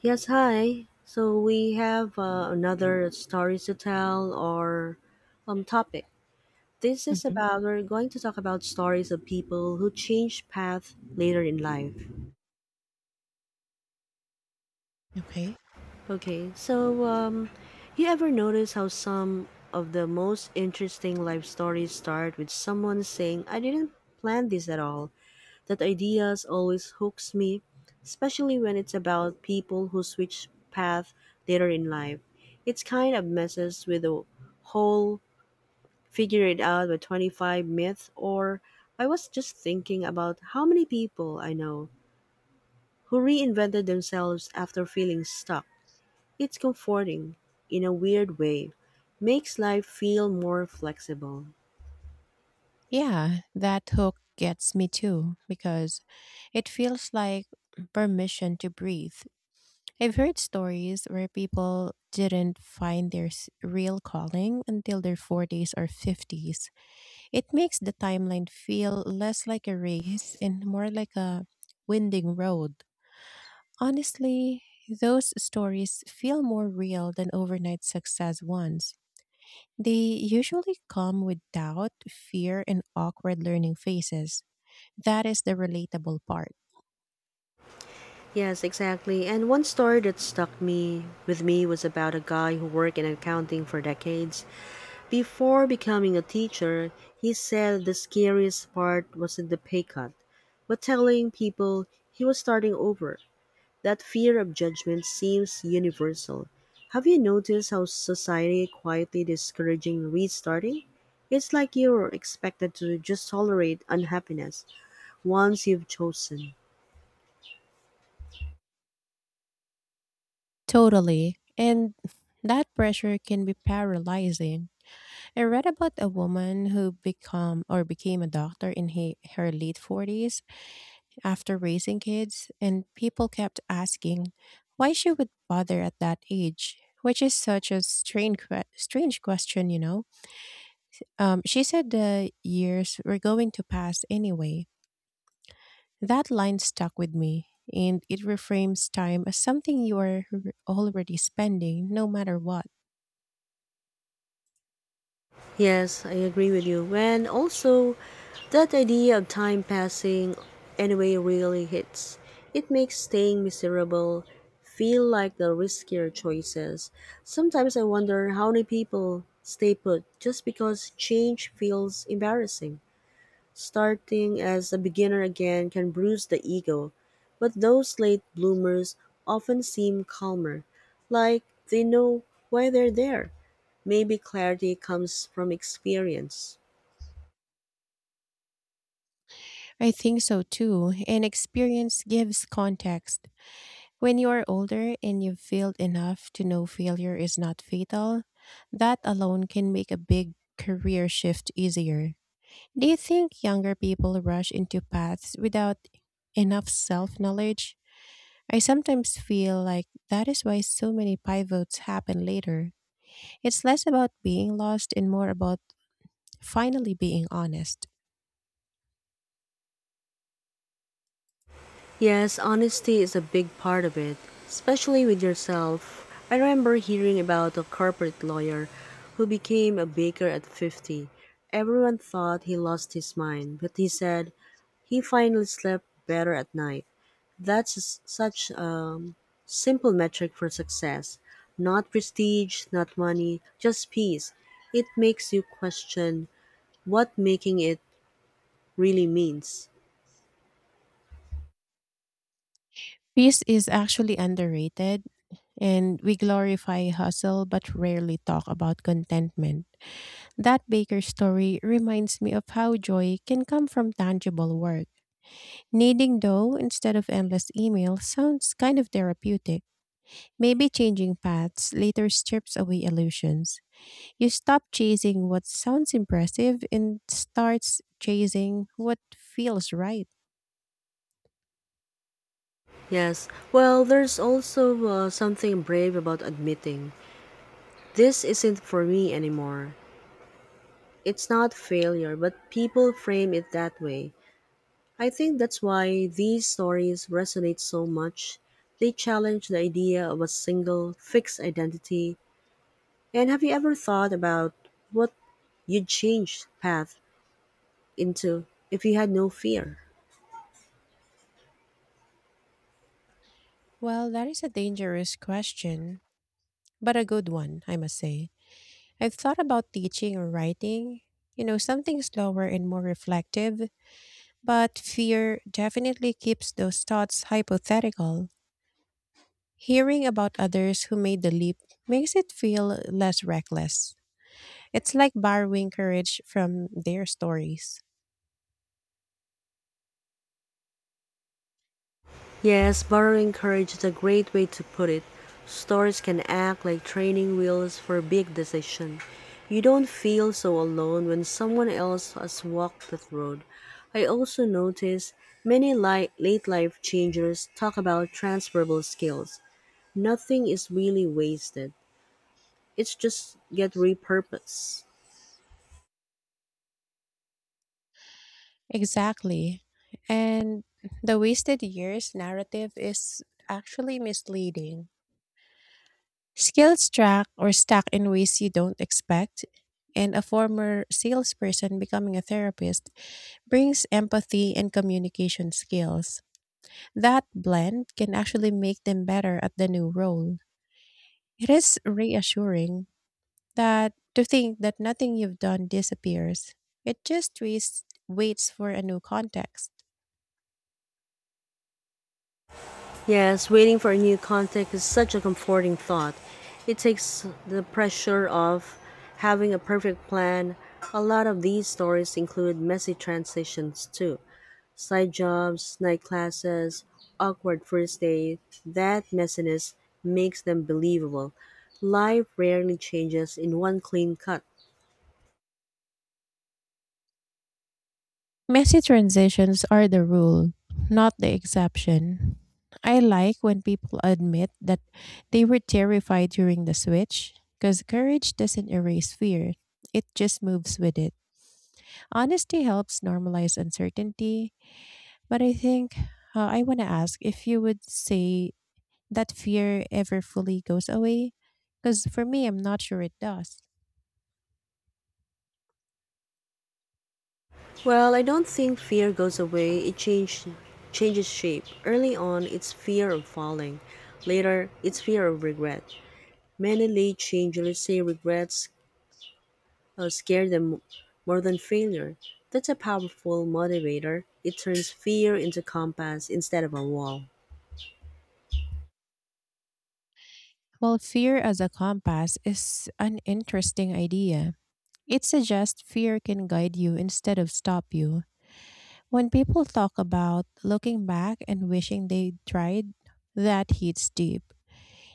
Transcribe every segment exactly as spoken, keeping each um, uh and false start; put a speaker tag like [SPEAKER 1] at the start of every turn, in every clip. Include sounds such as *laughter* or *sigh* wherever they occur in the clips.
[SPEAKER 1] Yes, hi. So we have uh, another stories to tell or um topic. This is
[SPEAKER 2] Mhm.
[SPEAKER 1] about we're going to talk about stories of people who change path later in life.
[SPEAKER 2] Okay.
[SPEAKER 1] Okay. So um you ever notice how some of the most interesting life stories start with someone saying, "I didn't plan this at all." That ideas always hooks me, especially when it's about people who switch path later in life. It's kind of messes with the whole figure it out by twenty-five myth or I was just thinking about how many people I know who reinvented themselves after feeling stuck. It's comforting in a weird way. Makes life feel more flexible.
[SPEAKER 2] Yeah, that hook gets me too because it feels like permission to breathe. I've heard stories where people didn't find their s- real calling until their forties or fifties. It makes the timeline feel less like a race and more like a winding road. Honestly, those stories feel more real than overnight success ones. They usually come with doubt, fear, and awkward learning phases. That is the relatable part.
[SPEAKER 1] Yes, exactly. And one story that stuck me with me was about a guy who worked in accounting for decades. Before becoming a teacher, he said the scariest part wasn't the pay cut, but telling people he was starting over. That fear of judgment seems universal. Have you noticed how society quietly discouraging restarting? It's like you're expected to just tolerate unhappiness once you've chosen.
[SPEAKER 2] Totally. And that pressure can be paralyzing. I read about a woman who become or became a doctor in he, her late forties after raising kids and people kept asking why she would bother at that age, which is such a strange que- strange question, you know. Um she said the years were going to pass anyway. That line stuck with me, and it reframes time as something you are r- already spending no matter what.
[SPEAKER 1] Yes, I agree with you. And also, that idea of time passing anyway really hits. It makes staying miserable feel like the riskier choices. Sometimes I wonder how many people stay put just because change feels embarrassing. Starting as a beginner again can bruise the ego, but those late bloomers often seem calmer, like they know why they're there. Maybe clarity comes from experience.
[SPEAKER 2] I think so too, and experience gives context. When you are older and you've failed enough to know failure is not fatal, that alone can make a big career shift easier. Do you think younger people rush into paths without enough self knowledge? I sometimes feel like that is why so many pivots happen later. It's less about being lost and more about finally being honest.
[SPEAKER 1] Yes, honesty is a big part of it, especially with yourself. I remember hearing about a corporate lawyer who became a baker at fifty. Everyone thought he lost his mind, but he said he finally slept better at night. That's s- such a simple metric for success. Not prestige, not money, just peace. It makes you question what making it really means.
[SPEAKER 2] Peace is actually underrated, and we glorify hustle but rarely talk about contentment. That baker story reminds me of how joy can come from tangible work. Kneading dough instead of endless email sounds kind of therapeutic. Maybe changing paths later strips away illusions. You stop chasing what sounds impressive and starts chasing what feels right.
[SPEAKER 1] Yes. Well, there's also uh, something brave about admitting this isn't for me anymore. It's not failure, but people frame it that way. I think that's why these stories resonate so much. They challenge the idea of a single, fixed identity. And have you ever thought about what you'd change path into if you had no fear?
[SPEAKER 2] Well, that is a dangerous question, but a good one, I must say. I've thought about teaching or writing, you know, something slower and more reflective, but fear definitely keeps those thoughts hypothetical. Hearing about others who made the leap makes it feel less reckless. It's like borrowing courage from their stories.
[SPEAKER 1] Yes, borrowing courage is a great way to put it. Stories can act like training wheels for big decisions. You don't feel so alone when someone else has walked that road. I also notice many li- late life changers talk about transferable skills. Nothing is really wasted. It's just get repurposed.
[SPEAKER 2] Exactly. And the wasted years narrative is actually misleading. Skills track or stack in ways you don't expect, and a former salesperson becoming a therapist brings empathy and communication skills. That blend can actually make them better at the new role. It is reassuring that to think that nothing you've done disappears. It just waits, waits for a new context.
[SPEAKER 1] Yes, waiting for a new contact is such a comforting thought. It takes the pressure off having a perfect plan. A lot of these stories include messy transitions too. Side jobs, night classes, awkward first date. That messiness makes them believable. Life rarely changes in one clean cut.
[SPEAKER 2] Messy transitions are the rule, not the exception. I like when people admit that they were terrified during the switch, because courage doesn't erase fear, it just moves with it. Honesty helps normalize uncertainty, but I think uh, I want to ask if you would say that fear ever fully goes away, because for me, I'm not sure it does.
[SPEAKER 1] Well, I don't think fear goes away. It change, changes shape. Early on, it's fear of falling. Later, it's fear of regret. Many late changers say regrets uh, scare them more than failure. That's a powerful motivator. It turns fear into compass instead of a wall.
[SPEAKER 2] Well, fear as a compass is an interesting idea. It suggests fear can guide you instead of stop you. When people talk about looking back and wishing they tried, that hits deep.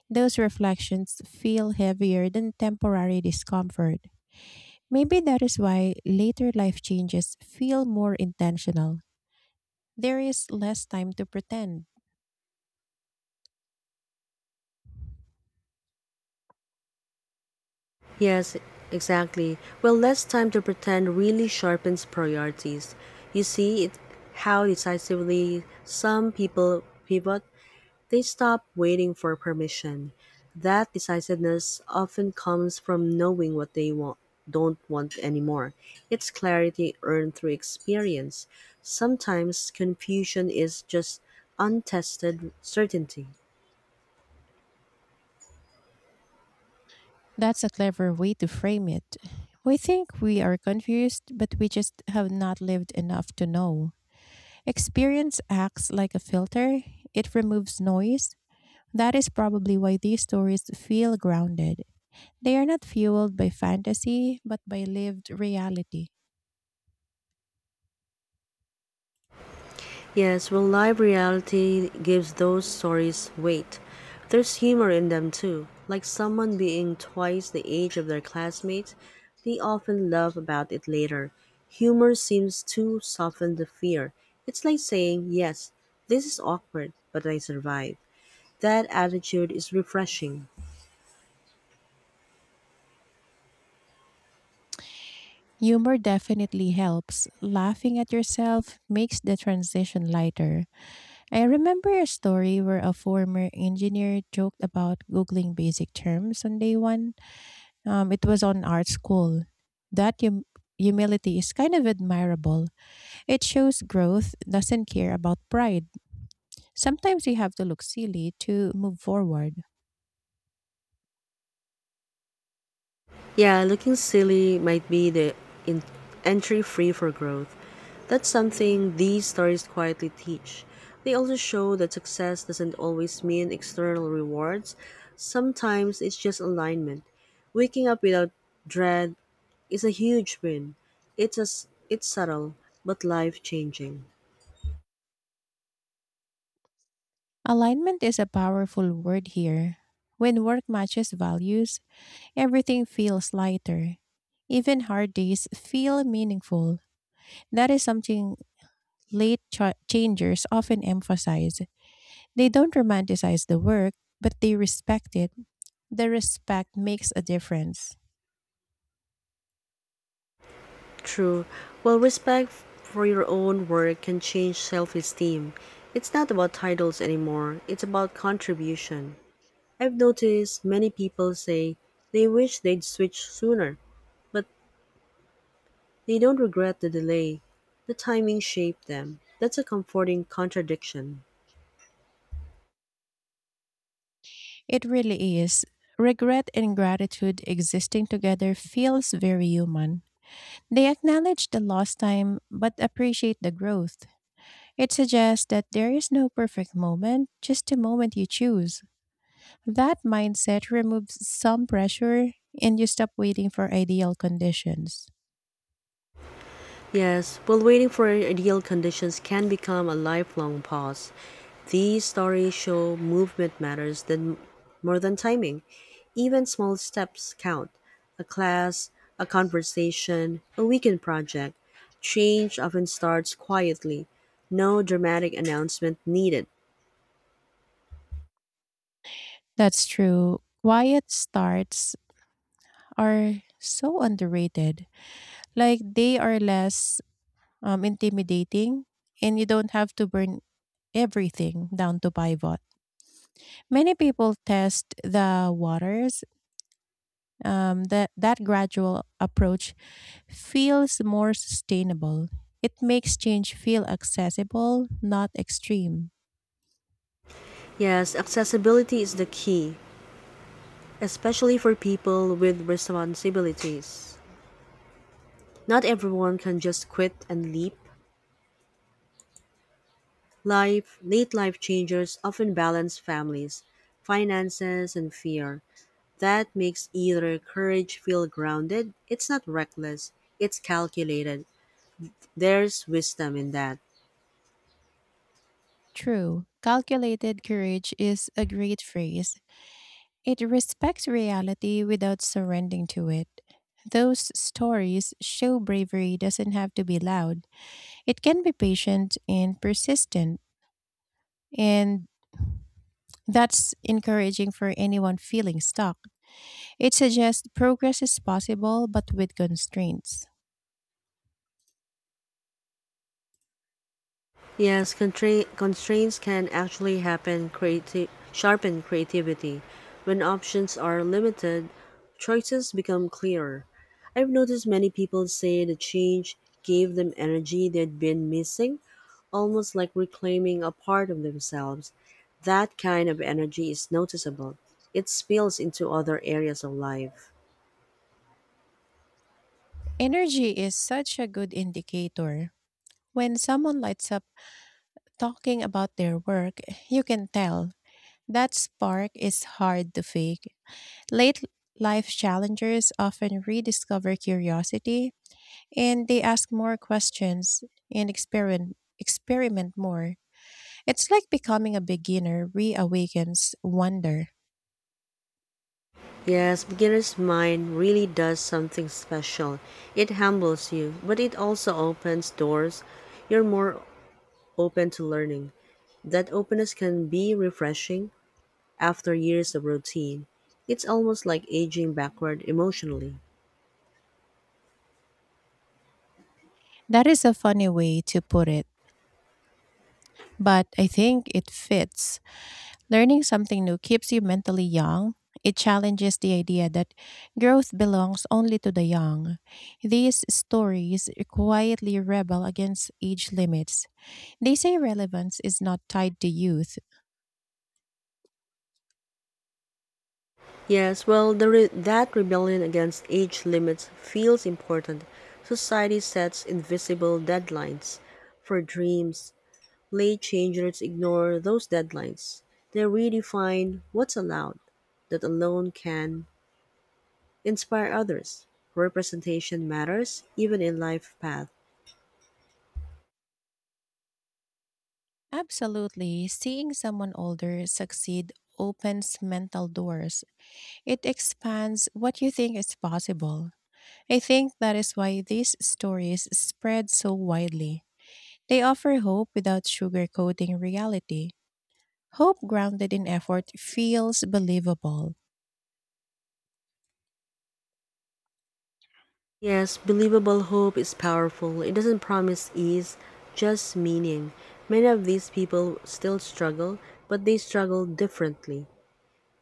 [SPEAKER 2] Those reflections feel heavier than temporary discomfort. Maybe that is why later life changes feel more intentional. There is less time to pretend.
[SPEAKER 1] Yes, exactly. Well, less time to pretend really sharpens priorities. You see it how decisively some people pivot. They stop waiting for permission. That decisiveness often comes from knowing what they want, don't want anymore. It's clarity earned through experience. Sometimes confusion is just untested certainty.
[SPEAKER 2] That's a clever way to frame it. We think we are confused, but we just have not lived enough to know. Experience acts like a filter, it removes noise. That is probably why these stories feel grounded. They are not fueled by fantasy, but by lived reality.
[SPEAKER 1] Yes, well, live reality gives those stories weight. There's humor in them too, like someone being twice the age of their classmates. They often laugh about it later. Humor seems to soften the fear. It's like saying, yes, this is awkward, but I survived. That attitude is refreshing.
[SPEAKER 2] Humor definitely helps. Laughing at yourself makes the transition lighter. I remember a story where a former engineer joked about Googling basic terms on day one. Um, it was on art school. That hum- humility is kind of admirable. It shows growth doesn't care about pride. Sometimes you have to look silly to move forward.
[SPEAKER 1] Yeah, looking silly might be the in- entry free for growth. That's something these stories quietly teach. They also show that success doesn't always mean external rewards, sometimes it's just alignment. Waking up without dread is a huge win. It's, a, s- it's subtle, but life changing.
[SPEAKER 2] Alignment is a powerful word here. When work matches values, everything feels lighter. Even hard days feel meaningful. That is something late cha- changers often emphasize. They don't romanticize the work, but they respect it. The respect makes a difference.
[SPEAKER 1] True. Well, respect for your own work can change self esteem. It's not about titles anymore, it's about contribution. I've noticed many people say they wish they'd switch sooner, but they don't regret the delay. The timing shaped them. That's a comforting contradiction.
[SPEAKER 2] It really is. Regret and gratitude existing together feels very human. They acknowledge the lost time but appreciate the growth. It suggests that there is no perfect moment, just a moment you choose. That mindset removes some pressure and you stop waiting for ideal conditions.
[SPEAKER 1] Yes, while waiting for ideal conditions can become a lifelong pause. These stories show movement matters than more than timing. Even small steps count. A class, a conversation, a weekend project. Change often starts quietly. No dramatic announcement needed.
[SPEAKER 2] That's true. Quiet starts are so underrated. Like they are less um, intimidating, and you don't have to burn everything down to pivot. Many people test the waters. Um, that that gradual approach feels more sustainable. It makes change feel accessible, not extreme.
[SPEAKER 1] Yes, accessibility is the key, especially for people with responsibilities. Not everyone can just quit and leap. Life, late life changers often balance families, finances, and fear. That makes either courage feel grounded. It's not reckless, it's calculated. There's wisdom in that.
[SPEAKER 2] True, calculated courage is a great phrase. It respects reality without surrendering to it. Those stories show bravery doesn't have to be loud. It can be patient and persistent, and that's encouraging for anyone feeling stuck. It suggests progress is possible but with constraints.
[SPEAKER 1] Yes, contra- constraints can actually happen creati- sharpen creativity. When options are limited, choices become clearer. I've noticed many people say the change gave them energy they'd been missing, almost like reclaiming a part of themselves. That kind of energy is noticeable. It spills into other areas of life.
[SPEAKER 2] Energy is such a good indicator. When someone lights up talking about their work, you can tell that spark is hard to fake. Late life challengers often rediscover curiosity and they ask more questions and experiment experiment more. It's like becoming a beginner reawakens wonder.
[SPEAKER 1] Yes, beginner's mind really does something special. It humbles you, but it also opens doors. You're more open to learning. That openness can be refreshing after years of routine. It's almost like aging backward emotionally.
[SPEAKER 2] That is a funny way to put it, but I think it fits. Learning something new keeps you mentally young. It challenges the idea that growth belongs only to the young. These stories quietly rebel against age limits. They say relevance is not tied to youth.
[SPEAKER 1] Yes, well, the re- that rebellion against age limits feels important. Society sets invisible deadlines for dreams. Late changers ignore those deadlines. They redefine what's allowed. That alone can inspire others. Representation matters, even in life path.
[SPEAKER 2] Absolutely, seeing someone older succeed opens mental doors. It expands what you think is possible. I think that is why these stories spread so widely. They offer hope without sugarcoating reality. Hope grounded in effort feels believable,
[SPEAKER 1] Yes, believable hope is powerful. It doesn't promise ease, just meaning. Many of these people still struggle, but they struggle differently.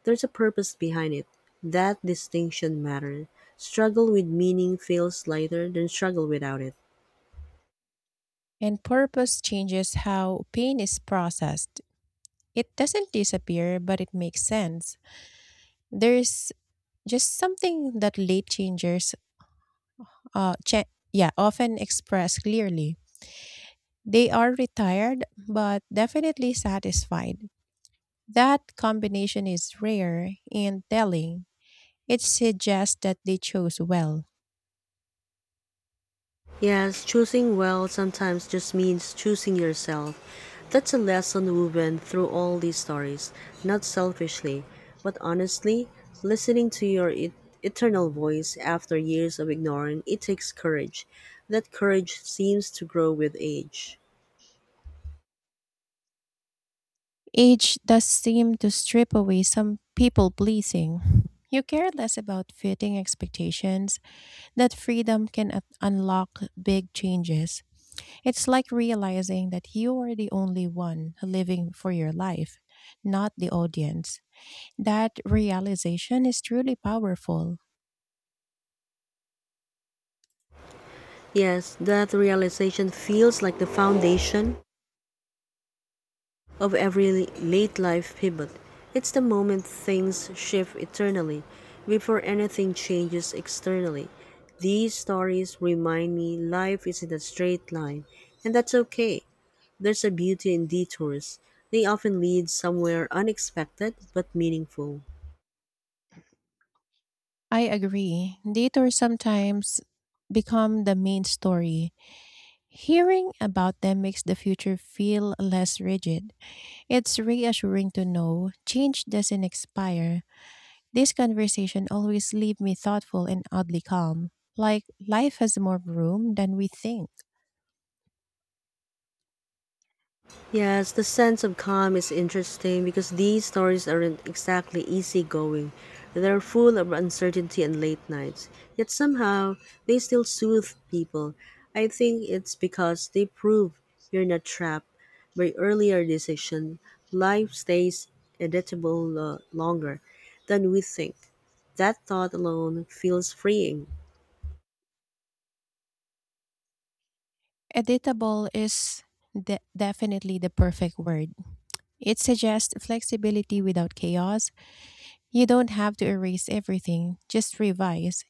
[SPEAKER 1] There's a purpose behind it. That distinction matters. Struggle with meaning feels lighter than struggle without it.
[SPEAKER 2] and purpose changes how pain is processed. It doesn't disappear, but it makes sense. There's just something that late changers uh, cha- yeah, often express clearly. They are retired, but definitely satisfied. That combination is rare and telling. It suggests that they chose well.
[SPEAKER 1] Yes, choosing well sometimes just means choosing yourself. That's a lesson woven through all these stories, not selfishly, but honestly, listening to your e- eternal voice after years of ignoring it takes courage. That courage seems to grow with age.
[SPEAKER 2] Age does seem to strip away some people pleasing. You care less about fitting expectations, that freedom can un- unlock big changes. It's like realizing that you are the only one living for your life, not the audience. That realization is truly powerful.
[SPEAKER 1] Yes, that realization feels like the foundation of every late life pivot. It's the moment things shift eternally before anything changes externally. These stories remind me life isn't a straight line, and that's okay. There's a beauty in detours. They often lead somewhere unexpected but meaningful.
[SPEAKER 2] I agree. Detours sometimes become the main story. Hearing about them makes the future feel less rigid. It's reassuring to know change doesn't expire. This conversation always leaves me thoughtful and oddly calm, like life has more room than we think.
[SPEAKER 1] Yes, the sense of calm is interesting because these stories aren't exactly easygoing. They're full of uncertainty and late nights. Yet somehow, they still soothe people. I think it's because they prove you're not trapped by earlier decision. Life stays editable uh, longer than we think. That thought alone feels freeing.
[SPEAKER 2] Editable is de- definitely the perfect word. It suggests flexibility without chaos. You don't have to erase everything, just revise.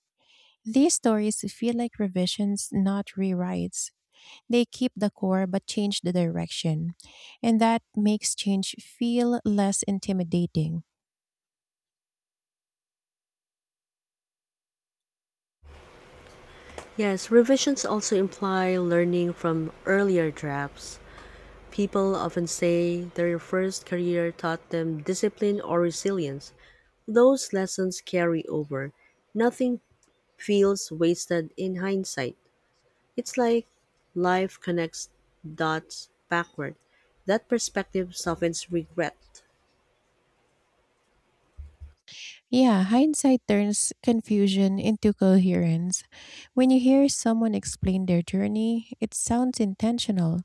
[SPEAKER 2] These stories feel like revisions, not rewrites. They keep the core but change the direction. And that makes change feel less intimidating.
[SPEAKER 1] Yes, revisions also imply learning from earlier drafts. People often say their first career taught them discipline or resilience. Those lessons carry over. Nothing feels wasted in hindsight. It's like life connects dots backward. That perspective softens regret.
[SPEAKER 2] Yeah, hindsight turns confusion into coherence. When you hear someone explain their journey, it sounds intentional,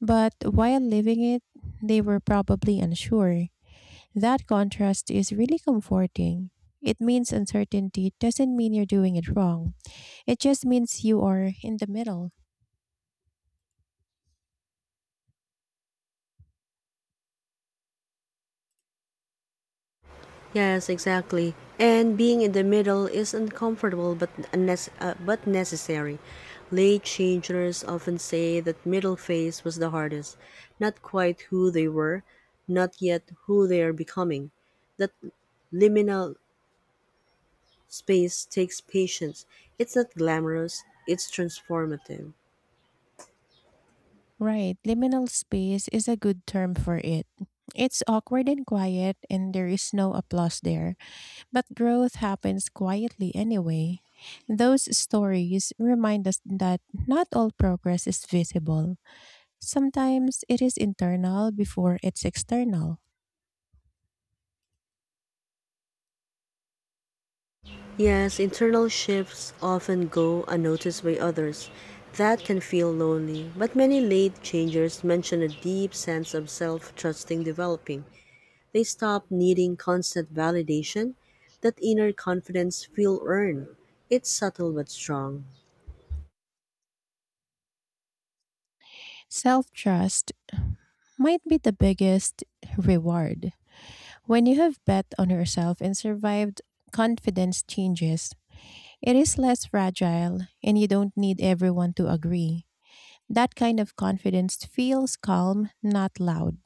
[SPEAKER 2] but while living it, they were probably unsure. That contrast is really comforting. It means uncertainty doesn't mean you're doing it wrong. It just means you are in the middle.
[SPEAKER 1] Yes, exactly. And being in the middle is uncomfortable but unnes- uh, but necessary. Late changers often say that middle phase was the hardest, not quite who they were, not yet who they are becoming. That liminal space takes patience. It's not glamorous, it's transformative.
[SPEAKER 2] Right, liminal space is a good term for it. It's awkward and quiet, and there is no applause there, but growth happens quietly anyway. Those stories remind us that not all progress is visible. Sometimes it is internal before it's external.
[SPEAKER 1] Yes, internal shifts often go unnoticed by others. That can feel lonely, but many late changers mention a deep sense of self trusting developing. They stop needing constant validation. That inner confidence feel earned. It's subtle but strong.
[SPEAKER 2] Self trust might be the biggest reward. When you have bet on yourself and survived, confidence changes. It is less fragile, and you don't need everyone to agree. That kind of confidence feels calm, not loud.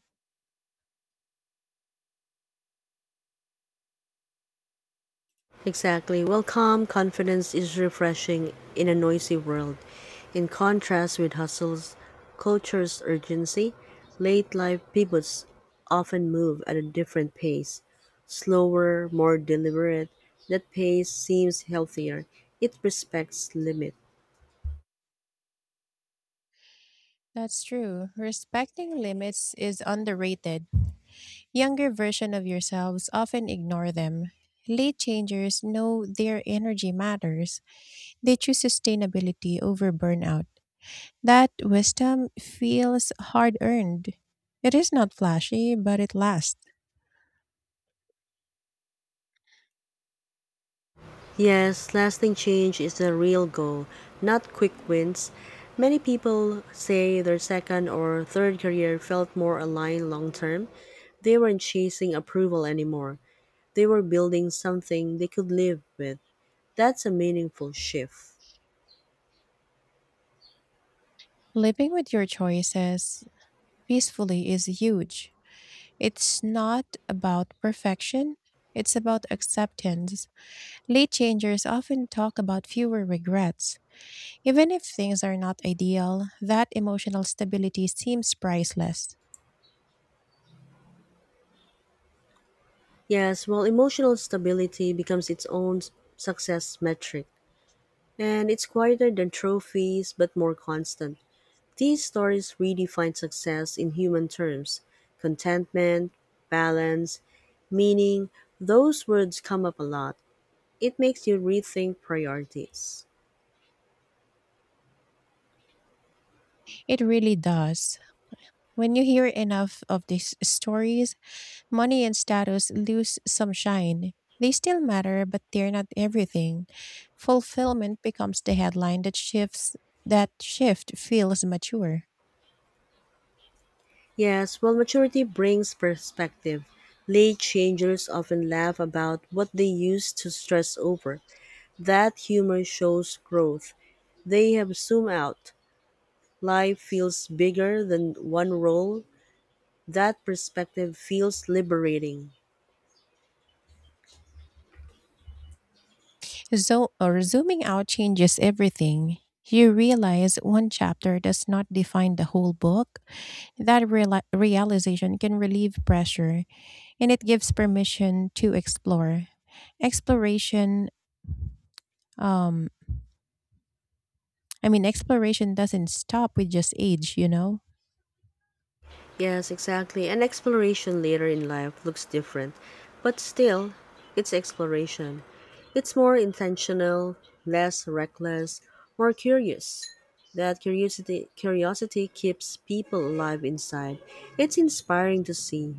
[SPEAKER 1] Exactly. Well, calm confidence is refreshing in a noisy world. In contrast with hustle's culture's urgency, late life pivots often move at a different pace, slower, more deliberate. That pace seems healthier. It respects limits.
[SPEAKER 2] That's true. Respecting limits is underrated. Younger version of yourselves often ignore them. Late changers know their energy matters. They choose sustainability over burnout. That wisdom feels hard earned. It is not flashy, but it lasts.
[SPEAKER 1] Yes, lasting change is the real goal, not quick wins. Many people say their second or third career felt more aligned long term. They weren't chasing approval anymore. They were building something they could live with. That's a meaningful shift.
[SPEAKER 2] Living with your choices peacefully is huge. It's not about perfection, it's about acceptance. Late changers often talk about fewer regrets. Even if things are not ideal, that emotional stability seems priceless.
[SPEAKER 1] Yes, while emotional stability becomes its own success metric. And it's quieter than trophies, but more constant. These stories redefine success in human terms: contentment, balance, meaning. Those words come up a lot. It makes you rethink priorities.
[SPEAKER 2] It really does. When you hear enough of these stories, money and status lose some shine. They still matter, but they're not everything. Fulfillment becomes the headline that shifts that shift feels mature.
[SPEAKER 1] Yes, while maturity brings perspective. Late changers often laugh about what they used to stress over. That humor shows growth. They have zoomed out. Life feels bigger than one role. That perspective feels liberating.
[SPEAKER 2] So or zooming out changes everything. You realize one chapter does not define the whole book. That reali- realization can relieve pressure and it gives permission to explore. Exploration um I mean exploration doesn't stop with just age, you know.
[SPEAKER 1] Yes, exactly. And exploration later in life looks different, but still, it's exploration. It's more intentional, less reckless, more curious. That curiosity curiosity keeps people alive inside. It's inspiring to see.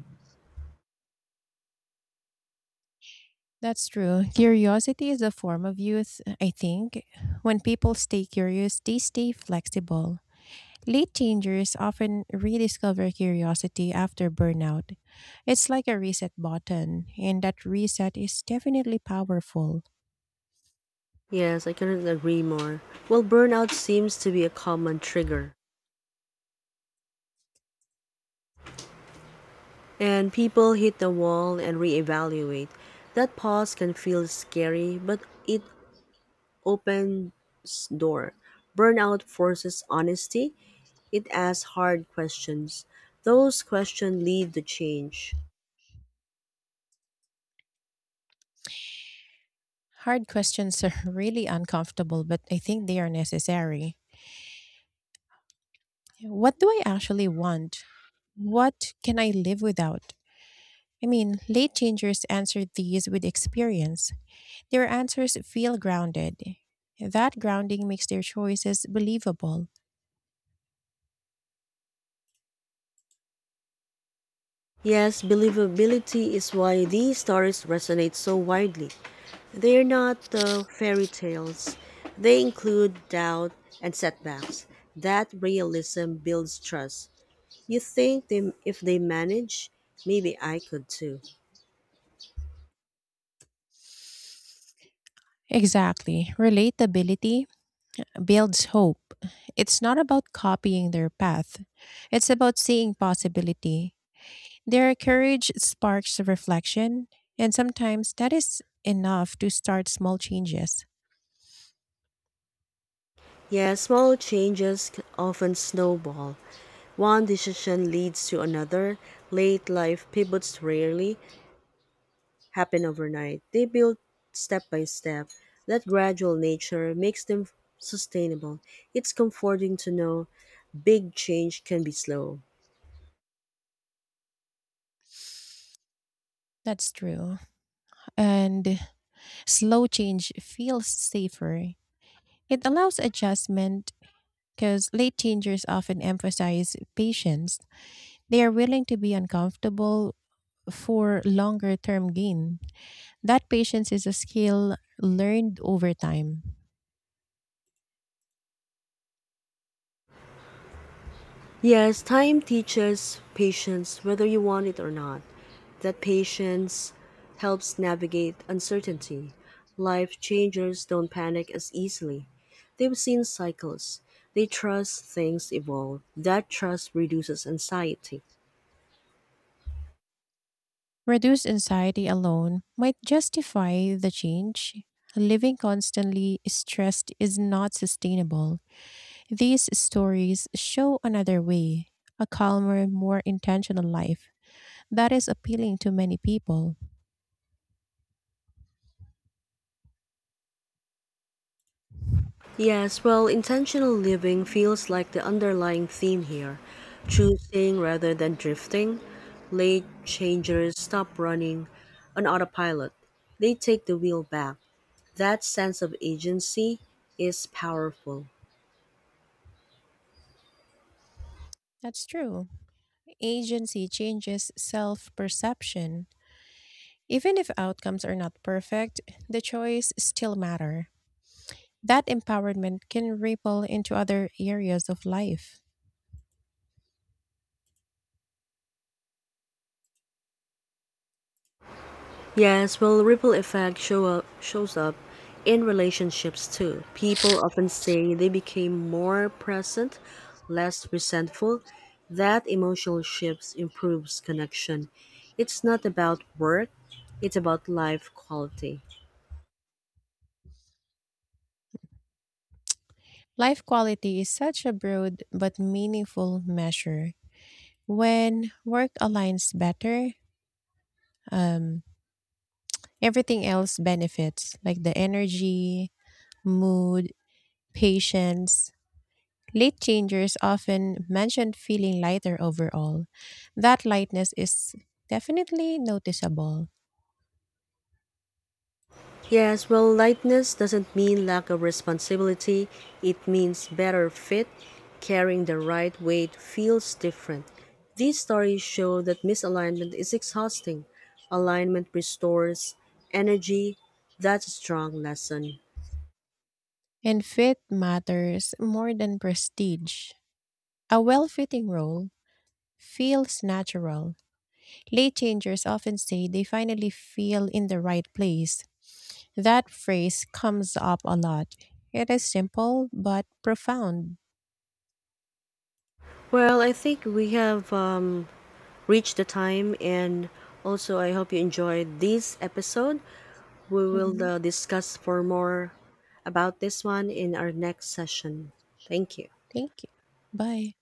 [SPEAKER 2] That's true. Curiosity is a form of youth, I think. When people stay curious, they stay flexible. Late changers often rediscover curiosity after burnout. It's like a reset button, and that reset is definitely powerful.
[SPEAKER 1] Yes, I couldn't agree more. Well, burnout seems to be a common trigger, and people hit the wall and reevaluate. That pause can feel scary, but it opens door. Burnout forces honesty. It asks hard questions. Those questions lead to change.
[SPEAKER 2] Hard questions are *laughs* really uncomfortable, but I think they are necessary. What do I actually want? What can I live without? I mean, late changers answer these with experience. Their answers feel grounded. That grounding makes their choices believable.
[SPEAKER 1] Yes, believability is why these stories resonate so widely. They are not uh, fairy tales. They include doubt and setbacks. That realism builds trust. You think they, if they manage, maybe I could too.
[SPEAKER 2] Exactly. Relatability builds hope. It's not about copying their path, it's about seeing possibility. Their courage sparks reflection, and sometimes that is enough to start small changes.
[SPEAKER 1] Yes, small changes c- often snowball. One decision leads to another. Late life pivots rarely happen overnight. They build step by step. That gradual nature makes them sustainable. It's comforting to know big change can be slow.
[SPEAKER 2] That's true. And slow change feels safer. It allows adjustment because late changers often emphasize patience. They are willing to be uncomfortable for longer term gain. That patience is a skill learned over time.
[SPEAKER 1] Yes, time teaches patience whether you want it or not. That patience helps navigate uncertainty. Life changers don't panic as easily. They've seen cycles. They trust things evolve. That trust reduces anxiety.
[SPEAKER 2] Reduced anxiety alone might justify the change. Living constantly stressed is not sustainable. These stories show another way, a calmer, more intentional life that is appealing to many people.
[SPEAKER 1] Yes, well, intentional living feels like the underlying theme here, choosing rather than drifting. Late changers stop running on autopilot. They take the wheel back. That sense of agency is powerful.
[SPEAKER 2] That's true. Agency changes self perception. Even if outcomes are not perfect, the choice still matter. That empowerment can ripple into other areas of life.
[SPEAKER 1] Yes, well, ripple effect show up, shows up in relationships too. People often say they became more present, less resentful. That emotional shift improves connection. It's not about work, it's about life quality.
[SPEAKER 2] Life quality is such a broad but meaningful measure. When work aligns better, um, everything else benefits, like the energy, mood, patience. Late changers often mention feeling lighter overall. That lightness is definitely noticeable.
[SPEAKER 1] Yes, well, lightness doesn't mean lack of responsibility. It means better fit. Carrying the right weight feels different. These stories show that misalignment is exhausting. Alignment restores energy. That's a strong lesson.
[SPEAKER 2] And fit matters more than prestige. A well fitting role feels natural. Late changers often say they finally feel in the right place. That phrase comes up a lot. It is simple but profound.
[SPEAKER 1] Well, I think we have um, reached the time, and also I hope you enjoyed this episode. We will
[SPEAKER 2] Mhm.
[SPEAKER 1] uh, discuss for more about this one in our next session. Thank you.
[SPEAKER 2] Thank you. Bye.